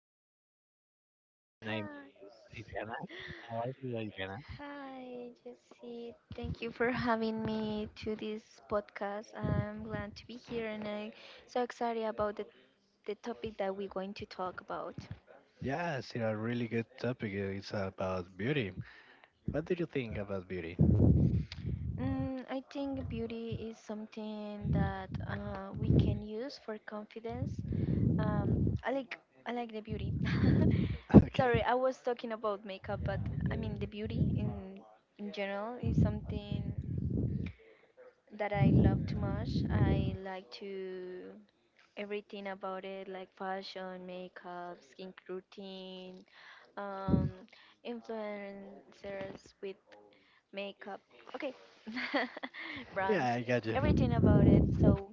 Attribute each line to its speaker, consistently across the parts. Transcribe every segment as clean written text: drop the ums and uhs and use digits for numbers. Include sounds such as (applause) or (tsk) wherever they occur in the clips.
Speaker 1: guest. Her name is Adriana. How are you, Adriana?
Speaker 2: Hi, Jesse. Thank you for having me to this podcast. I'm glad to be here and I'm so excited about the topic that we're going to talk about.
Speaker 1: Yes, it's a really good topic. It's about beauty. What do you think about beauty?
Speaker 2: Mm, I think beauty is something that we can use for confidence. Um, I like I like the beauty. (laughs)
Speaker 1: (laughs)
Speaker 2: Sorry,
Speaker 1: Okay.
Speaker 2: I was talking about makeup, but I mean the beauty in general is something. That I love too much. I like to everything about it, like fashion, makeup, skin routine, um, influencers with makeup. Okay, (laughs) brands,
Speaker 1: Yeah, I got you.
Speaker 2: everything about it. So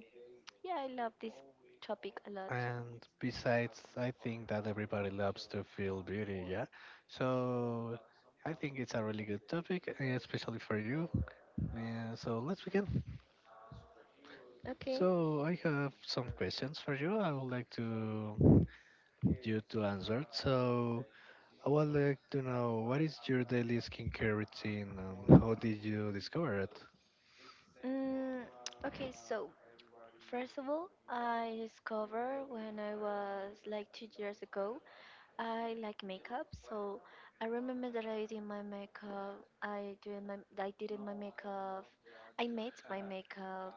Speaker 2: yeah, I love this topic a lot.
Speaker 1: And besides, I think that everybody loves to feel beauty, yeah? So I think it's a really good topic, especially for you. So let's begin.
Speaker 2: Okay.
Speaker 1: So I have some questions for you. I would like to you to answer. So I would like to know what is your daily skincare routine and how did you discover it?
Speaker 2: Mm, okay, so first of all, I discovered when I was like 2 years ago I like makeup, so I remember that I did my makeup. I doing my I did it my makeup. I made my makeup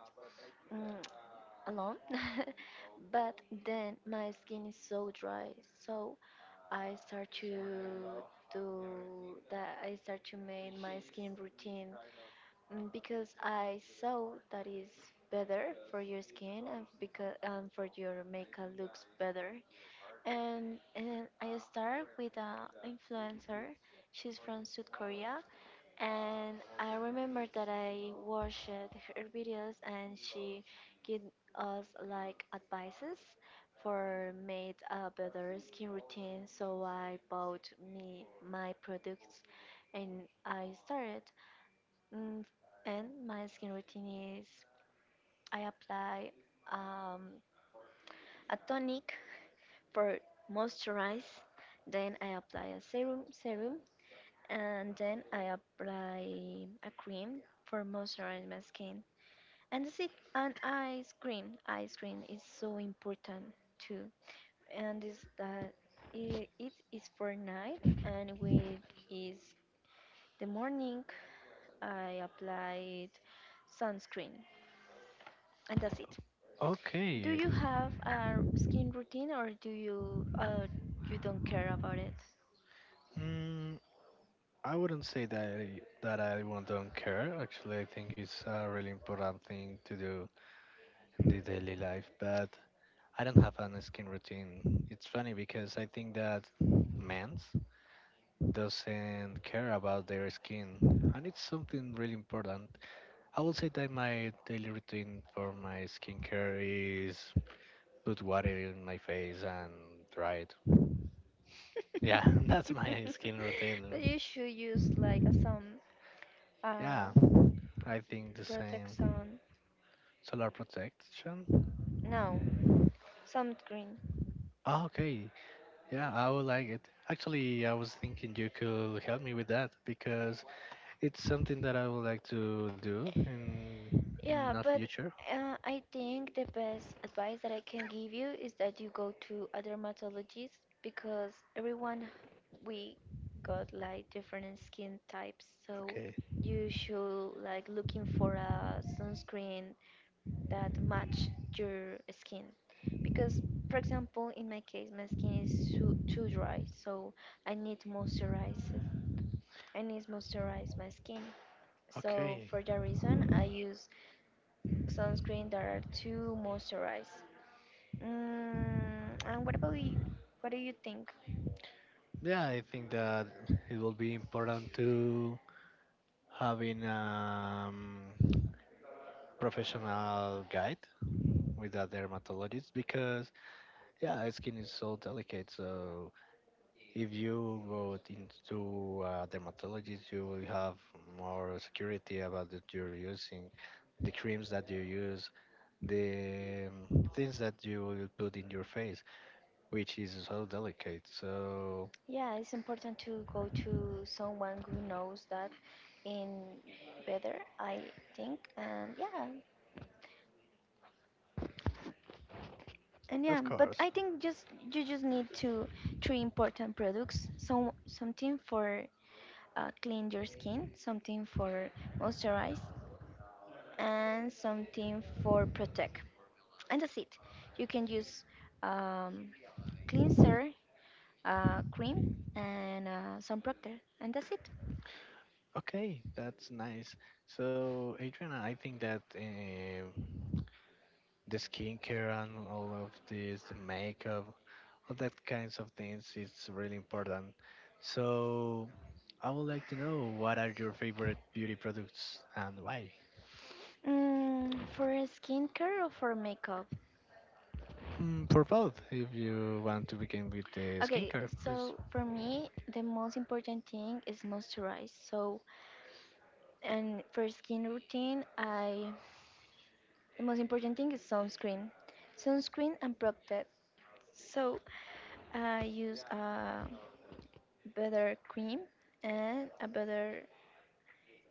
Speaker 2: mm, alone, (laughs) but then my skin is so dry, so I start to do that. I start to make my skin routine, because I saw that is better for your skin and because for your makeup looks better. And I start with an influencer. She's from South Korea. And I remember that I watched her videos and she gave us like advices for made a better skin routine. So I bought me my products and I started. Mm, And my skin routine is I apply um, a tonic for moisturize. Then I apply a serum, and then I apply a cream for moisturize my skin. And that's it. And ice cream is so important too. And is that it is for night, and with is the morning I applied sunscreen, and that's it. Do
Speaker 1: Okay.
Speaker 2: you have a skin routine or do you you don't care about it?
Speaker 1: Mm, I wouldn't say that I won't don't care. Actually, I think it's a really important thing to do in the daily life. But I don't have an skin routine. It's funny because I think that men's doesn't care about their skin, and it's something really important. I would say that my daily routine for my skincare is put water in my face and dry it. Yeah, (laughs) that's my
Speaker 2: (laughs)
Speaker 1: skin routine.
Speaker 2: But you should use like a some uh
Speaker 1: Yeah, I think the
Speaker 2: protect
Speaker 1: same.
Speaker 2: sun.
Speaker 1: Solar protection?
Speaker 2: No, sun cream.
Speaker 1: Oh, okay, yeah, I would like it. Actually, I was thinking you could help me with that because it's something that I would like to do in
Speaker 2: Yeah,
Speaker 1: the
Speaker 2: but
Speaker 1: future.
Speaker 2: I think the best advice that I can give you is that you go to a dermatologist because everyone we got like different skin types, so
Speaker 1: Okay.
Speaker 2: you should like looking for a sunscreen that match your skin because, for example, in my case my skin is too dry, so I need to moisturize it. I need to moisturize my skin, so
Speaker 1: Okay,
Speaker 2: for that reason I use sunscreen that are too moisturized. And what about you? What do you think?
Speaker 1: yeah, I think that it will be important to having professional guide with a dermatologist because yeah, skin is so delicate. So if you go into a dermatologist, you will have more security about that you're using, the creams that you use, the things that you will put in your face, which is so delicate. So
Speaker 2: Yeah, it's important to go to someone who knows that in better, I think. And yeah, and yeah,
Speaker 1: of
Speaker 2: but
Speaker 1: course.
Speaker 2: I think just you just need to three important products. Some something for clean your skin, something for moisturize, and something for protect. And that's it. You can use um, cleanser, cream, and some protector. And that's it.
Speaker 1: Okay, that's nice. So, Adriana, I think that the skincare and all of this the makeup, all that kinds of things, it's really important. So, I would like to know what are your favorite beauty products and why?
Speaker 2: Mm, for skincare or for makeup?
Speaker 1: Hmm, for both, if you want to begin with the
Speaker 2: Okay,
Speaker 1: skincare, it's
Speaker 2: so for me, the most important thing is moisturize. So and for skin routine, I the most important thing is sunscreen. Sunscreen and protect. So I use a better cream and a better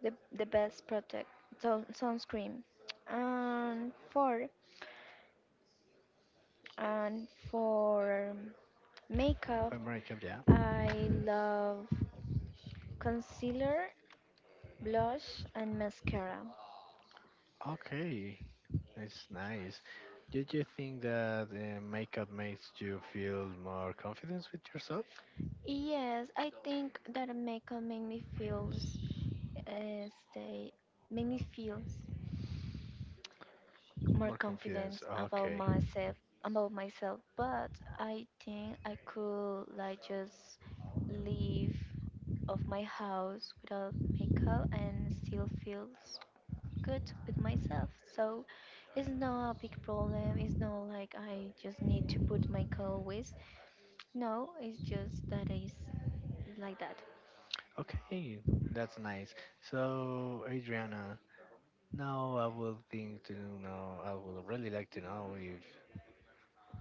Speaker 2: the best protect, so sunscreen. And for and for makeup,
Speaker 1: for makeup, yeah.
Speaker 2: I love concealer, blush, and mascara.
Speaker 1: Okay, that's nice. Did you think that makeup makes you feel more confidence with yourself?
Speaker 2: Yes, I think that makeup make me feels stay make me feels more
Speaker 1: More confidence.
Speaker 2: confidence about
Speaker 1: Okay.
Speaker 2: myself, about myself. But I think I could like just leave of my house without makeup and still feels good with myself. So it's not a big problem. It's not like I just need to put makeup always. No, it's just that is like that.
Speaker 1: Okay, that's nice. So, Adriana, now I will think to know, I would really like to know if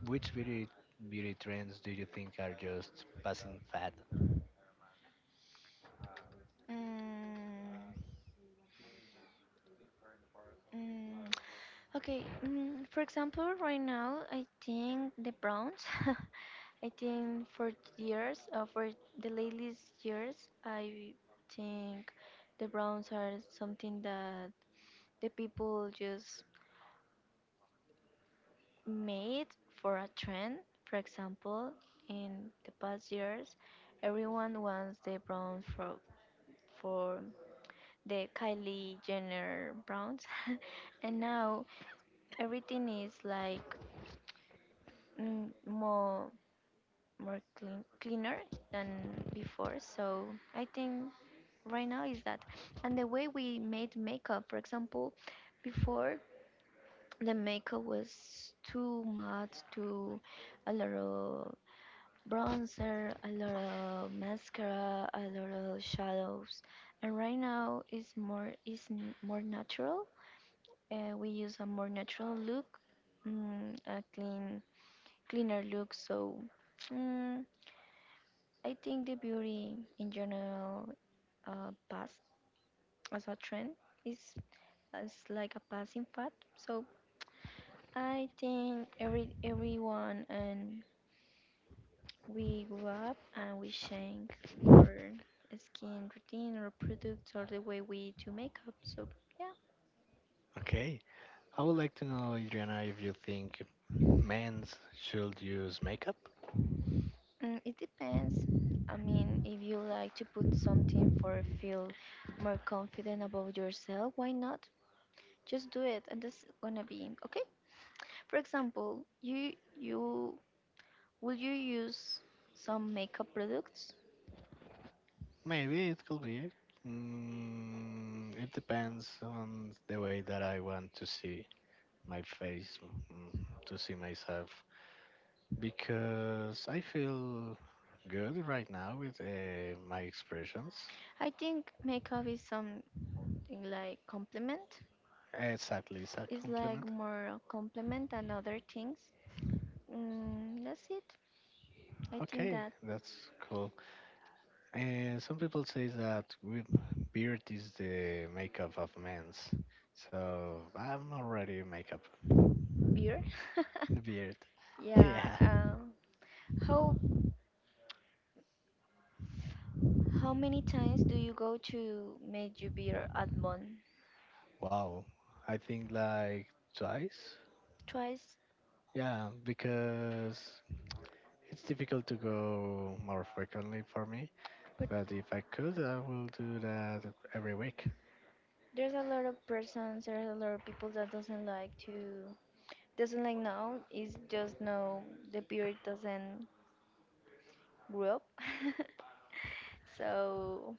Speaker 1: which beauty trends do you think are just passing fad?
Speaker 2: Mm, mm. Okay, mm, for example, right now, I think the Browns, (laughs) I think for years, for the latest years, I think the Browns are something that the people just made for a trend. For example, in the past years, everyone wants the Browns for the Kylie Jenner Browns, (laughs) and now everything is like mm, more more clean cleaner than before. So I think right now is that. And the way we made makeup, for example, before, the makeup was too much too a lot of bronzer, a lot of mascara, a lot of shadows. And right now is more is more natural. We use a more natural look, mm, a clean cleaner look. So mm, I think the beauty in general, pass as a trend is as like a passing fad. So I think everyone, and we grew up and we change our skin routine or products or the way we do makeup. So yeah,
Speaker 1: Okay. I would like to know, Adriana, if you think men should use makeup?
Speaker 2: mm, it depends. I mean, if you like to put something for feel more confident about yourself, why not? Just do it, and that's gonna be okay. For example, you will you use some makeup products?
Speaker 1: Maybe it could be. Mm, it depends on the way that I want to see my face, mm, to see myself. Because I feel good right now with my expressions.
Speaker 2: I think makeup is something like compliment.
Speaker 1: Exactly, it's at least a
Speaker 2: It's like
Speaker 1: compliment.
Speaker 2: more a compliment than other things. Mm, that's it. I think
Speaker 1: Okay,
Speaker 2: that
Speaker 1: that's cool. And some people say that with beard is the makeup of men's. So I'm already makeup.
Speaker 2: beer.
Speaker 1: The beard.
Speaker 2: (laughs)
Speaker 1: (laughs)
Speaker 2: Yeah.
Speaker 1: Yeah.
Speaker 2: How how many times do you go to make you beer at one?
Speaker 1: Wow. I think like twice.
Speaker 2: Twice.
Speaker 1: Yeah, because it's difficult to go more frequently for me.
Speaker 2: But
Speaker 1: But if I could, I will do that every week.
Speaker 2: there's a lot of persons. There's a lot of people that doesn't like to doesn't like now. It's just no. The beer doesn't grew up. (laughs) So,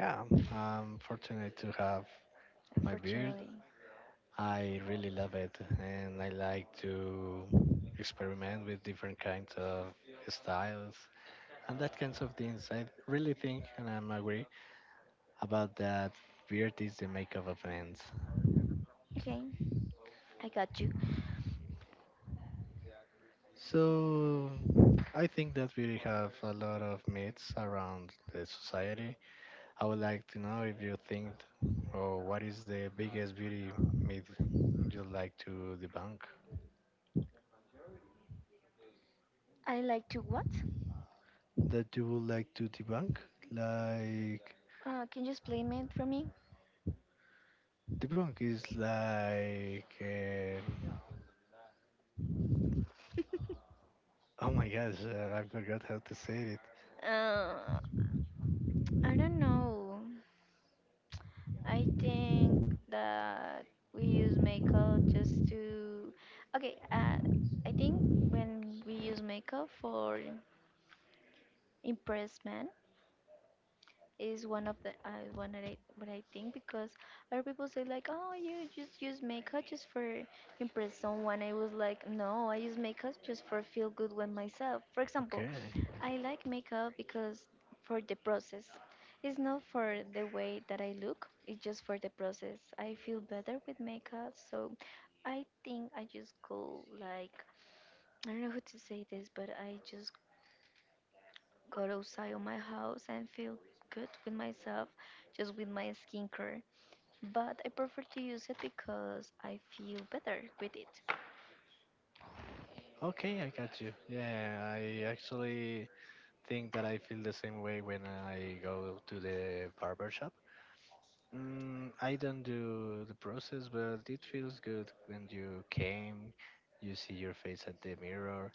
Speaker 1: Yeah, I'm fortunate to have my beard.
Speaker 2: unfortunately.
Speaker 1: I really love it, and I like to experiment with different kinds of styles and that kinds of things. I really think, and I'm agree about that. Beard is the makeup of men.
Speaker 2: Okay, I got you.
Speaker 1: So I think that we have a lot of myths around the society. I would like to know if you think Oh, what is the biggest beauty myth you like to debunk?
Speaker 2: I like to what?
Speaker 1: That you would like to debunk? Like
Speaker 2: Can you explain it for me?
Speaker 1: debunk is like oh my gosh, I forgot how to say it.
Speaker 2: Uh, I don't know. I think that we use makeup just to. Okay, I think when we use makeup for impress men, is one of the one that I what I think, because other people say like, oh, you just use makeup just for impress someone. I was like, no, I use makeup just for feel good with myself. For example,
Speaker 1: Okay.
Speaker 2: I like makeup because for the process. It's not for the way that I look. It's just for the process. I feel better with makeup, so I think I just go like I don't know how to say this, but I just go outside of my house and feel good with myself, just with my skincare. But I prefer to use it because I feel better with it.
Speaker 1: Okay, I got you. Yeah, I actually think that I feel the same way when I go to the barber shop. Mm, I don't do the process, but it feels good when you came, you see your face at the mirror,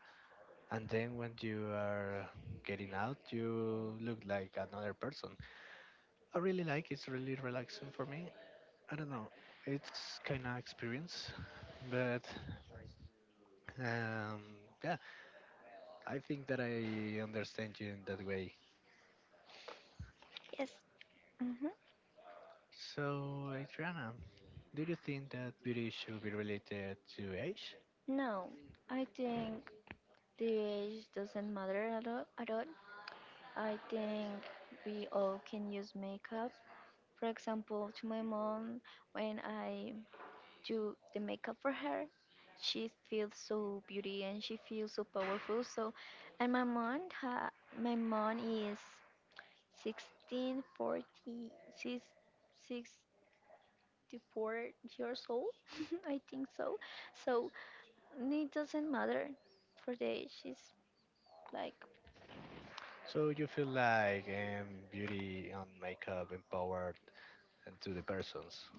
Speaker 1: and then when you are getting out, you look like another person. I really like it's really relaxing for me. I don't know, it's kind of experience, but um, yeah, I think that I understand you in that way.
Speaker 2: Yes. Hmm.
Speaker 1: So, Adriana, do you think that beauty should be related to age?
Speaker 2: No, I think the age doesn't matter at all, at all. I think we all can use makeup. For example, to my mom, when I do the makeup for her. She feels so beauty and she feels so powerful. So, and my mom, ha, my mom is 16, 40, she's 64 years old, (laughs) I think so. So it doesn't matter for the age. She's like
Speaker 1: So you feel like beauty and makeup empowered and to the persons,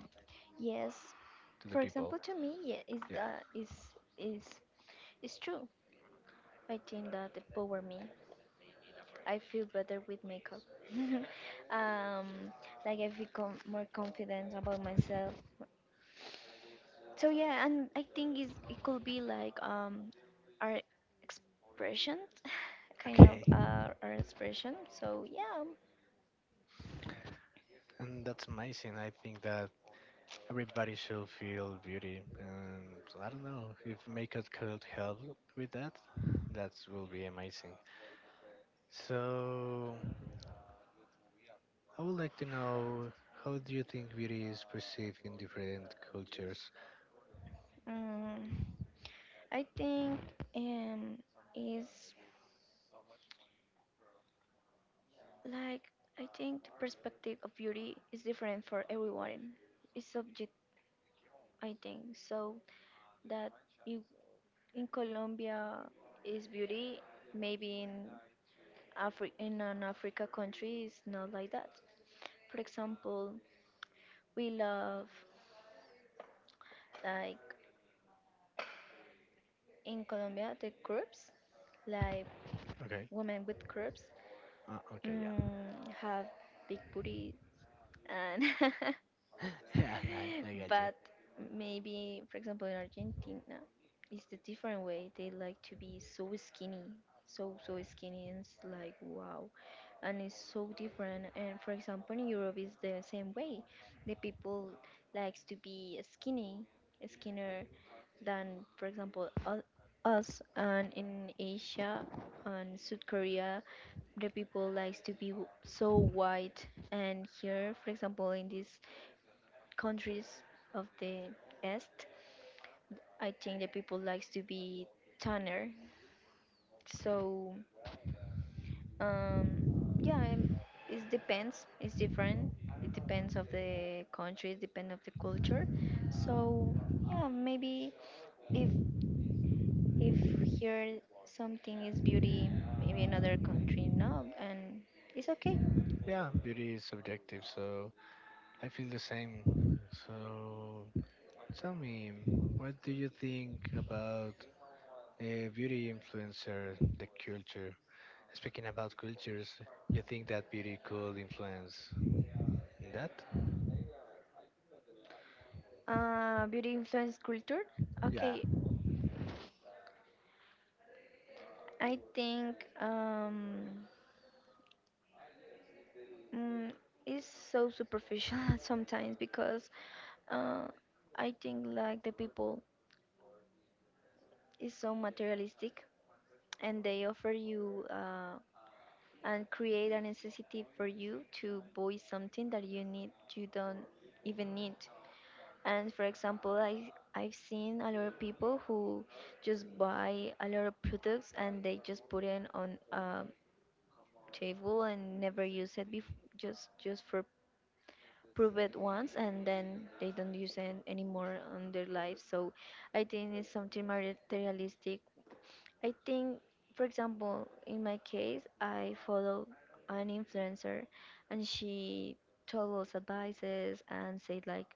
Speaker 2: yes,
Speaker 1: to the
Speaker 2: for
Speaker 1: people.
Speaker 2: example, to me, yeah, is
Speaker 1: Yeah.
Speaker 2: that is is true. I think that the power me. I feel better with makeup. (laughs) um, like I feel more confident about myself. So yeah, and I think it could be like our expression, (laughs) kind of
Speaker 1: Okay.
Speaker 2: our expression. So yeah,
Speaker 1: And that's amazing. I think that everybody should feel beauty, and I don't know if makeup could help with that. That will be amazing. So I would like to know how do you think beauty is perceived in different cultures?
Speaker 2: um, I think um, is like I think the perspective of beauty is different for everyone. It's subject, I think, so that it in Colombia is beauty, maybe in in an Africa country is not like that. For example, we love like in Colombia the curves, like
Speaker 1: Okay.
Speaker 2: women with curves
Speaker 1: Okay, yeah,
Speaker 2: mm, have big booty and (laughs)
Speaker 1: (laughs) yeah, I got you.
Speaker 2: but maybe, for example, in Argentina it's the different way. They like to be so skinny, so so skinny, and it's like wow. And it's so different. And, for example, in Europe is the same way. The people likes to be skinny skinnier than, for example, us. And in Asia and South Korea the people likes to be so white. And here, for example, in these countries of the east, I think the people likes to be tanner. So Um, yeah, it depends. It's different. It depends of the country. It depends of the culture. So yeah, maybe if if here something is beauty, maybe another country no, and it's okay.
Speaker 1: Yeah, beauty is subjective, so I feel the same. So tell me, what do you think about a beauty influencer, the culture? Speaking about cultures, you think that beauty could influence that?
Speaker 2: Beauty influence culture.
Speaker 1: Yeah,
Speaker 2: Okay, I think mm, it's so superficial (laughs) sometimes because uh, I think like the people is so materialistic and they offer you and create a necessity for you to voice something that you need you don't even need. And, for example, I've seen a lot of people who just buy a lot of products and they just put it on a table and never use it just for prove it once and then they don't use it anymore on their life. So I think it's something materialistic. I think, for example, in my case, I follow an influencer and she told us advices and said like,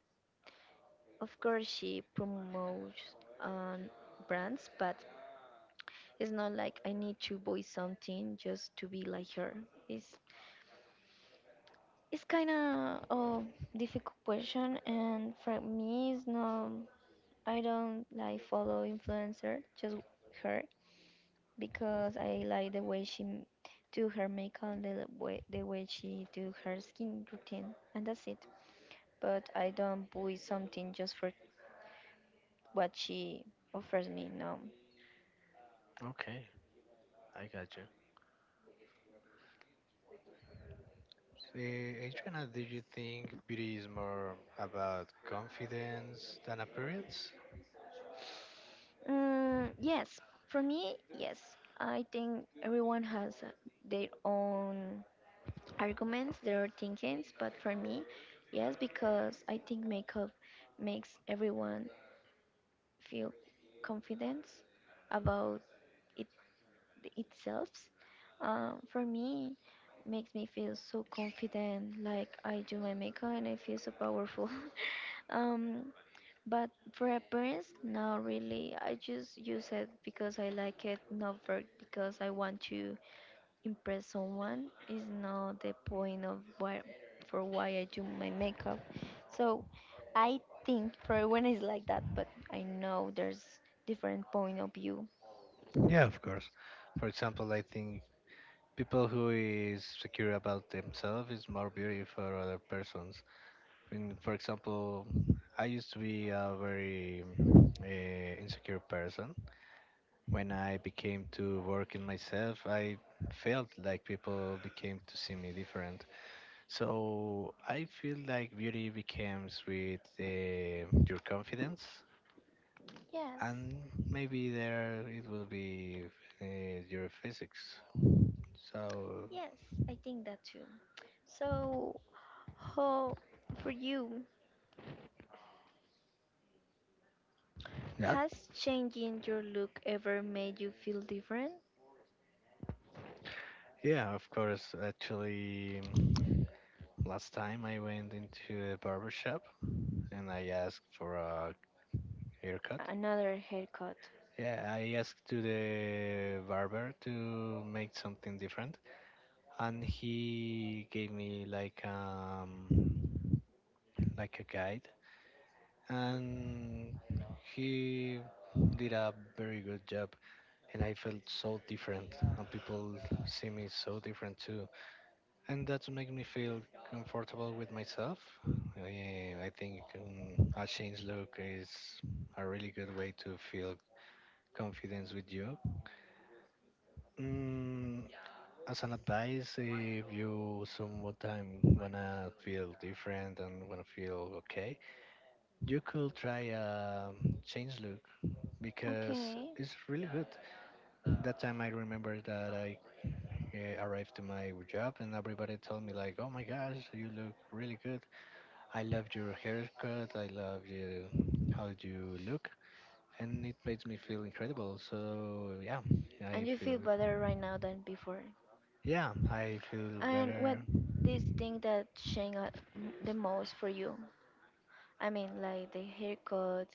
Speaker 2: of course she promotes um, brands, but it's not like I need to buy something just to be like her. It's it's kind of a difficult question, and for me, it's not. I don't like follow influencer, just her because I like the way she do her makeup, the way she do her skin routine, and that's it. But I don't buy something just for what she offers me. No.
Speaker 1: okay, I got you. Eh, Adriana, do you think beauty is more about confidence than appearance?
Speaker 2: Mm, yes, for me, yes. I think everyone has their own arguments, their thinkings, but for me, yes, because I think makeup makes everyone feel confidence about itself. For me, makes me feel so confident. Like, I do my makeup and I feel so powerful. (laughs) um, but for appearance, no, really, I just use it because I like it, not for because I want to impress someone. Is not the point of why for why I do my makeup. So I think for everyone is like that, but I know there's different point of view.
Speaker 1: Yeah, of course. For example, I think people who is secure about themselves is more beauty for other persons. In, for example, I used to be a very uh, insecure person. When I became to work in myself, I felt like people became to see me different. So I feel like beauty becomes with your confidence,
Speaker 2: Yes.
Speaker 1: and maybe there it will be uh, your physics. So
Speaker 2: Yes, I think that too. So, how for you
Speaker 1: yeah.
Speaker 2: has changing your look ever made you feel different?
Speaker 1: Yeah, of course. Actually, last time I went into a barber shop and I asked for a haircut.
Speaker 2: Another haircut.
Speaker 1: Yeah, I asked to the barber to make something different, and he gave me like a guide, and he did a very good job, and I felt so different, and people see me so different too, and that's make me feel comfortable with myself. Yeah, I think a change look is a really good way to feel confidence with you. Mm, as an advice, if you sometime wanna feel different and wanna feel okay, you could try change look because
Speaker 2: Okay.
Speaker 1: it's really good. That time I remember that I arrived to my job and everybody told me like, "Oh my gosh, you look really good. I love your haircut. I love you how you look." And it makes me feel incredible. So I
Speaker 2: And you feel
Speaker 1: feel
Speaker 2: better right now than before.
Speaker 1: yeah, I feel
Speaker 2: And what
Speaker 1: better.
Speaker 2: this thing that changed the most for you? I mean, like the haircut,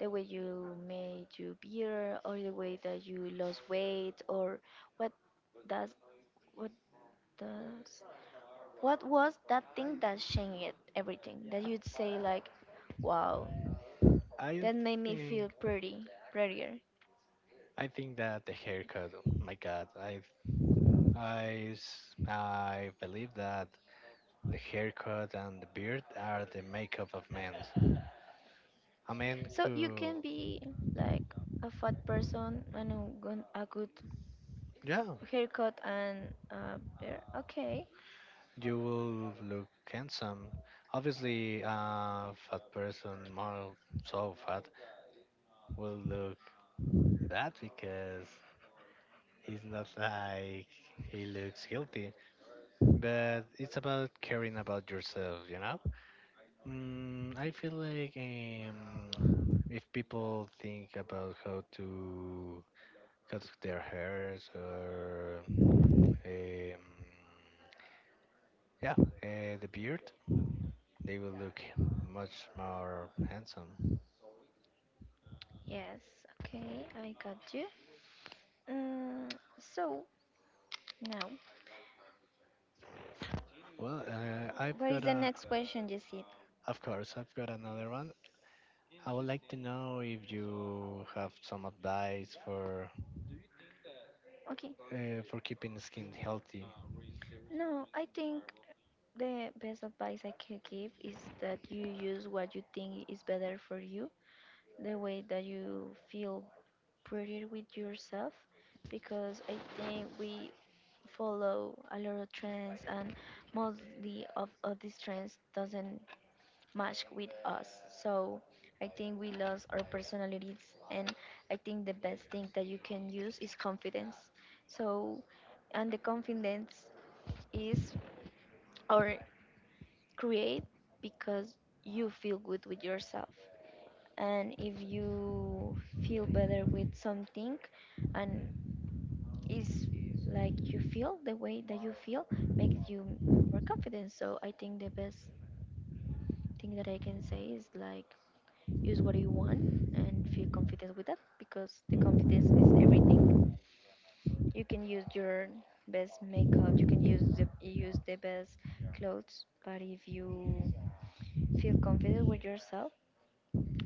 Speaker 2: the way you made your beard, or the way that you lost weight, or what does what does. What was that thing that changed everything? That you'd say like, "Wow,
Speaker 1: I
Speaker 2: that made me feel
Speaker 1: think
Speaker 2: pretty, prettier."
Speaker 1: I think that the haircut. Oh my God, I believe that the haircut and the beard are the makeup of men. A man
Speaker 2: So
Speaker 1: who,
Speaker 2: you can be like a fat person and a good
Speaker 1: yeah,
Speaker 2: haircut and beard. Okay,
Speaker 1: you will look handsome. Obviously, a fat person, more so fat, will look bad because he's not like he looks healthy. But it's about caring about yourself, you know. Mm, I feel like if people think about how to cut their hairs or yeah, the beard, they will look much more handsome.
Speaker 2: yes, okay, I got you. Mm, so now,
Speaker 1: Well, I've
Speaker 2: what is
Speaker 1: got
Speaker 2: the
Speaker 1: a,
Speaker 2: next question, Jesse?
Speaker 1: of course, I've got another one. I would like to know if you have some advice
Speaker 2: Okay,
Speaker 1: for keeping the skin healthy.
Speaker 2: no, I think the best advice I can give is that you use what you think is better for you, the way that you feel pretty with yourself, because I think we follow a lot of trends, and mostly of these trends doesn't match with us. So I think we lost our personalities, and I think the best thing that you can use is confidence. So, and the confidence is or create because you feel good with yourself, and if you feel better with something, and it's like you feel the way that you feel makes you more confident. So I think the best thing that I can say is, like, use what you want and feel confident with that, because the confidence, you can use your best makeup, you can use the best clothes, but if you feel confident with yourself,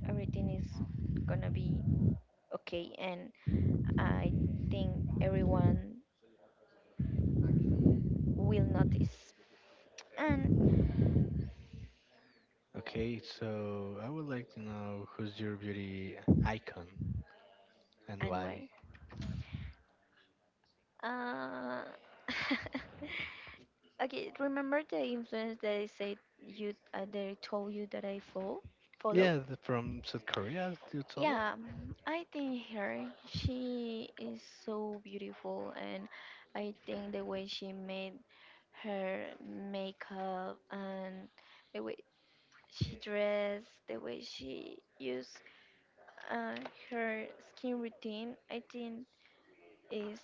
Speaker 2: everything is gonna be okay, and I think everyone will notice. And
Speaker 1: Okay, so I would like to know who's your beauty icon and why.
Speaker 2: anyway, uh, (laughs) okay, remember the influence that I said you that I told you that I follow? Follow?
Speaker 1: Yeah, th- from South Korea, you told me.
Speaker 2: Yeah, mm, I think her. She is so beautiful, and I think the way she made her makeup, and the way she dressed, the way she used uh, her skin routine, I think is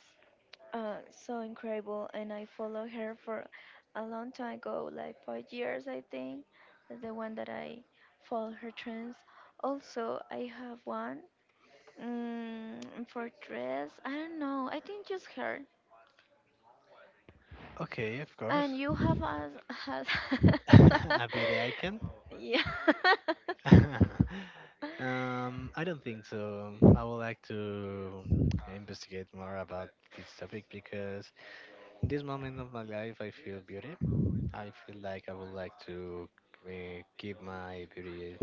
Speaker 2: so incredible. And I followed her for a long time ago, like 5 years. I think is the one that I follow her trends. Also I have one, mm, for dress I don't know, I think just her.
Speaker 1: Okay, of
Speaker 2: And
Speaker 1: course.
Speaker 2: you have as
Speaker 1: (laughs) A beauty icon?
Speaker 2: (laughs) yeah (laughs)
Speaker 1: (laughs) I don't think so. I would like to investigate more about this topic because in this moment of my life, I feel beauty. I feel like I would like to keep my beauty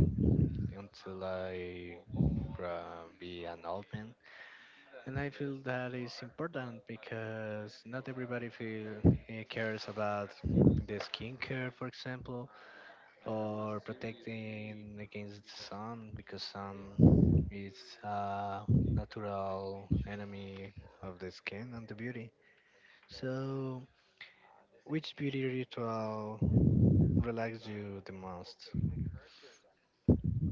Speaker 1: until I be an old man. And I feel that is important because not everybody feel eh, cares about the skincare, for example, or protecting against the sun because sun is a natural enemy of the skin and the beauty. So, which beauty ritual relaxes you the most?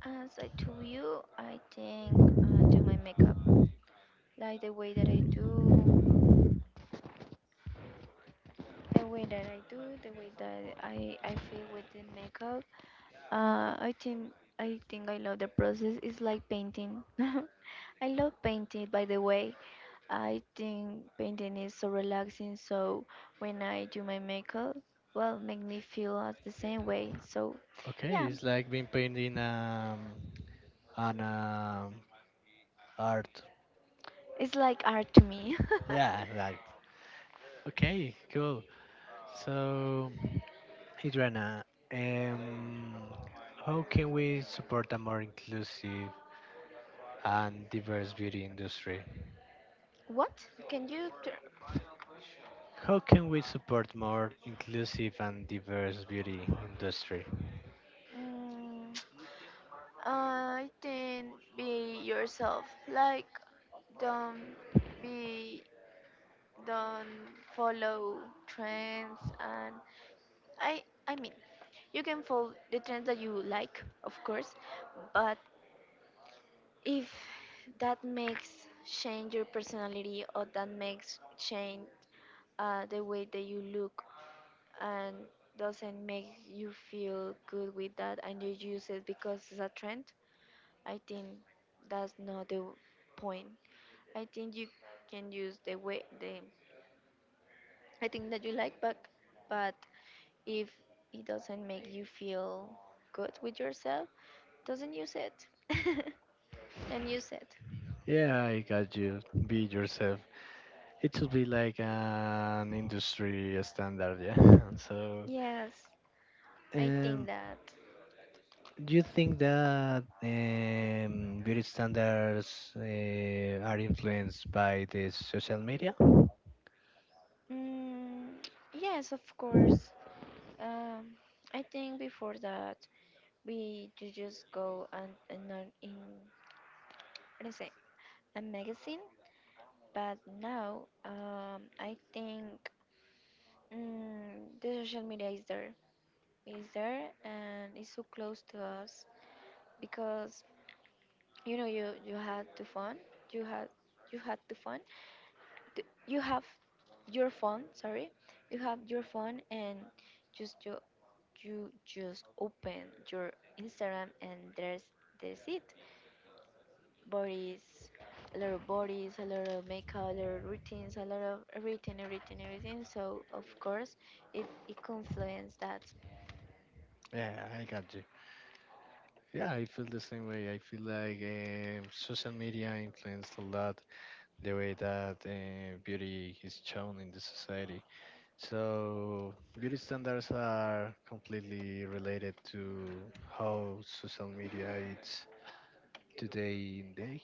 Speaker 2: as I told you, I think do my makeup, like the way that I do, the way that I feel with the makeup. I think I love the process. It's like painting. (laughs) I love painting, by the way. I think painting is so relaxing. So when I do my makeup, well, make me feel as the same way. So
Speaker 1: Okay,
Speaker 2: yeah,
Speaker 1: it's like being painting an art.
Speaker 2: it's like art to me. (laughs)
Speaker 1: Yeah, like. Okay, cool. So, Hidrana, um, how can we support a more inclusive and diverse beauty industry?
Speaker 2: What can you? T-
Speaker 1: How can we support more inclusive and diverse beauty industry?
Speaker 2: mm, (tsk) I think be yourself. Like, don't be, don't follow trends. And I mean, you can follow the trends that you like, of course, but if that makes change your personality, or that makes change the way that you look, and doesn't make you feel good with that, and you use it because it's a trend, I think that's not the point. I think you can use the way the I think that you like, but but if it doesn't make you feel good with yourself, doesn't use it. (laughs) Don't use it.
Speaker 1: Yeah, I got you. Be yourself. It should be like an industry standard, yeah. (laughs) So,
Speaker 2: Yes, I think
Speaker 1: um,
Speaker 2: that.
Speaker 1: do you think that beauty standards are influenced by the social media?
Speaker 2: Mm, yes, of course. Um, I think before that, we just go and not in, what is it, a magazine. But now, I think the social media is there, and it's so close to us because, you know, you had the phone, you had you had the phone you have your phone, sorry, you have your phone, and just you just open your Instagram, and there's it, bodies, a lot of bodies, a lot of makeup, a lot of routines, a lot of everything, everything, everything. So of course it, it confluence that.
Speaker 1: Yeah, I got you. Yeah, I feel the same way. I feel like social media influenced a lot the way that beauty is shown in the society. So beauty standards are completely related to how social media is today in day.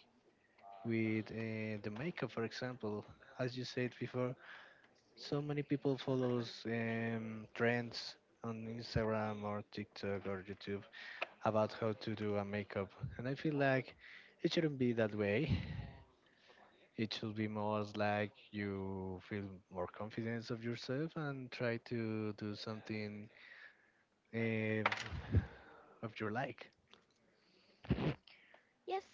Speaker 1: With the makeup, for example, as you said before, so many people follows trends on Instagram or TikTok or YouTube about how to do a makeup. And I feel like it shouldn't be that way. It should be more like you feel more confidence of yourself and try to do something um, of your like.
Speaker 2: Yes,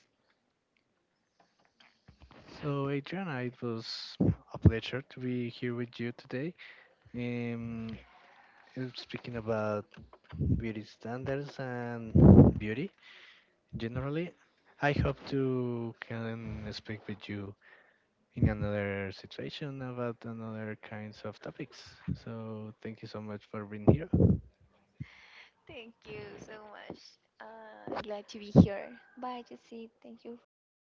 Speaker 1: So, Adriana, it was a pleasure to be here with you today. Um, and speaking about beauty standards and beauty generally, I hope to can speak with you in another situation about another kinds of topics. So thank you so much for being here.
Speaker 2: thank you so much. Glad to be here. Bye, Jesse, thank you for all of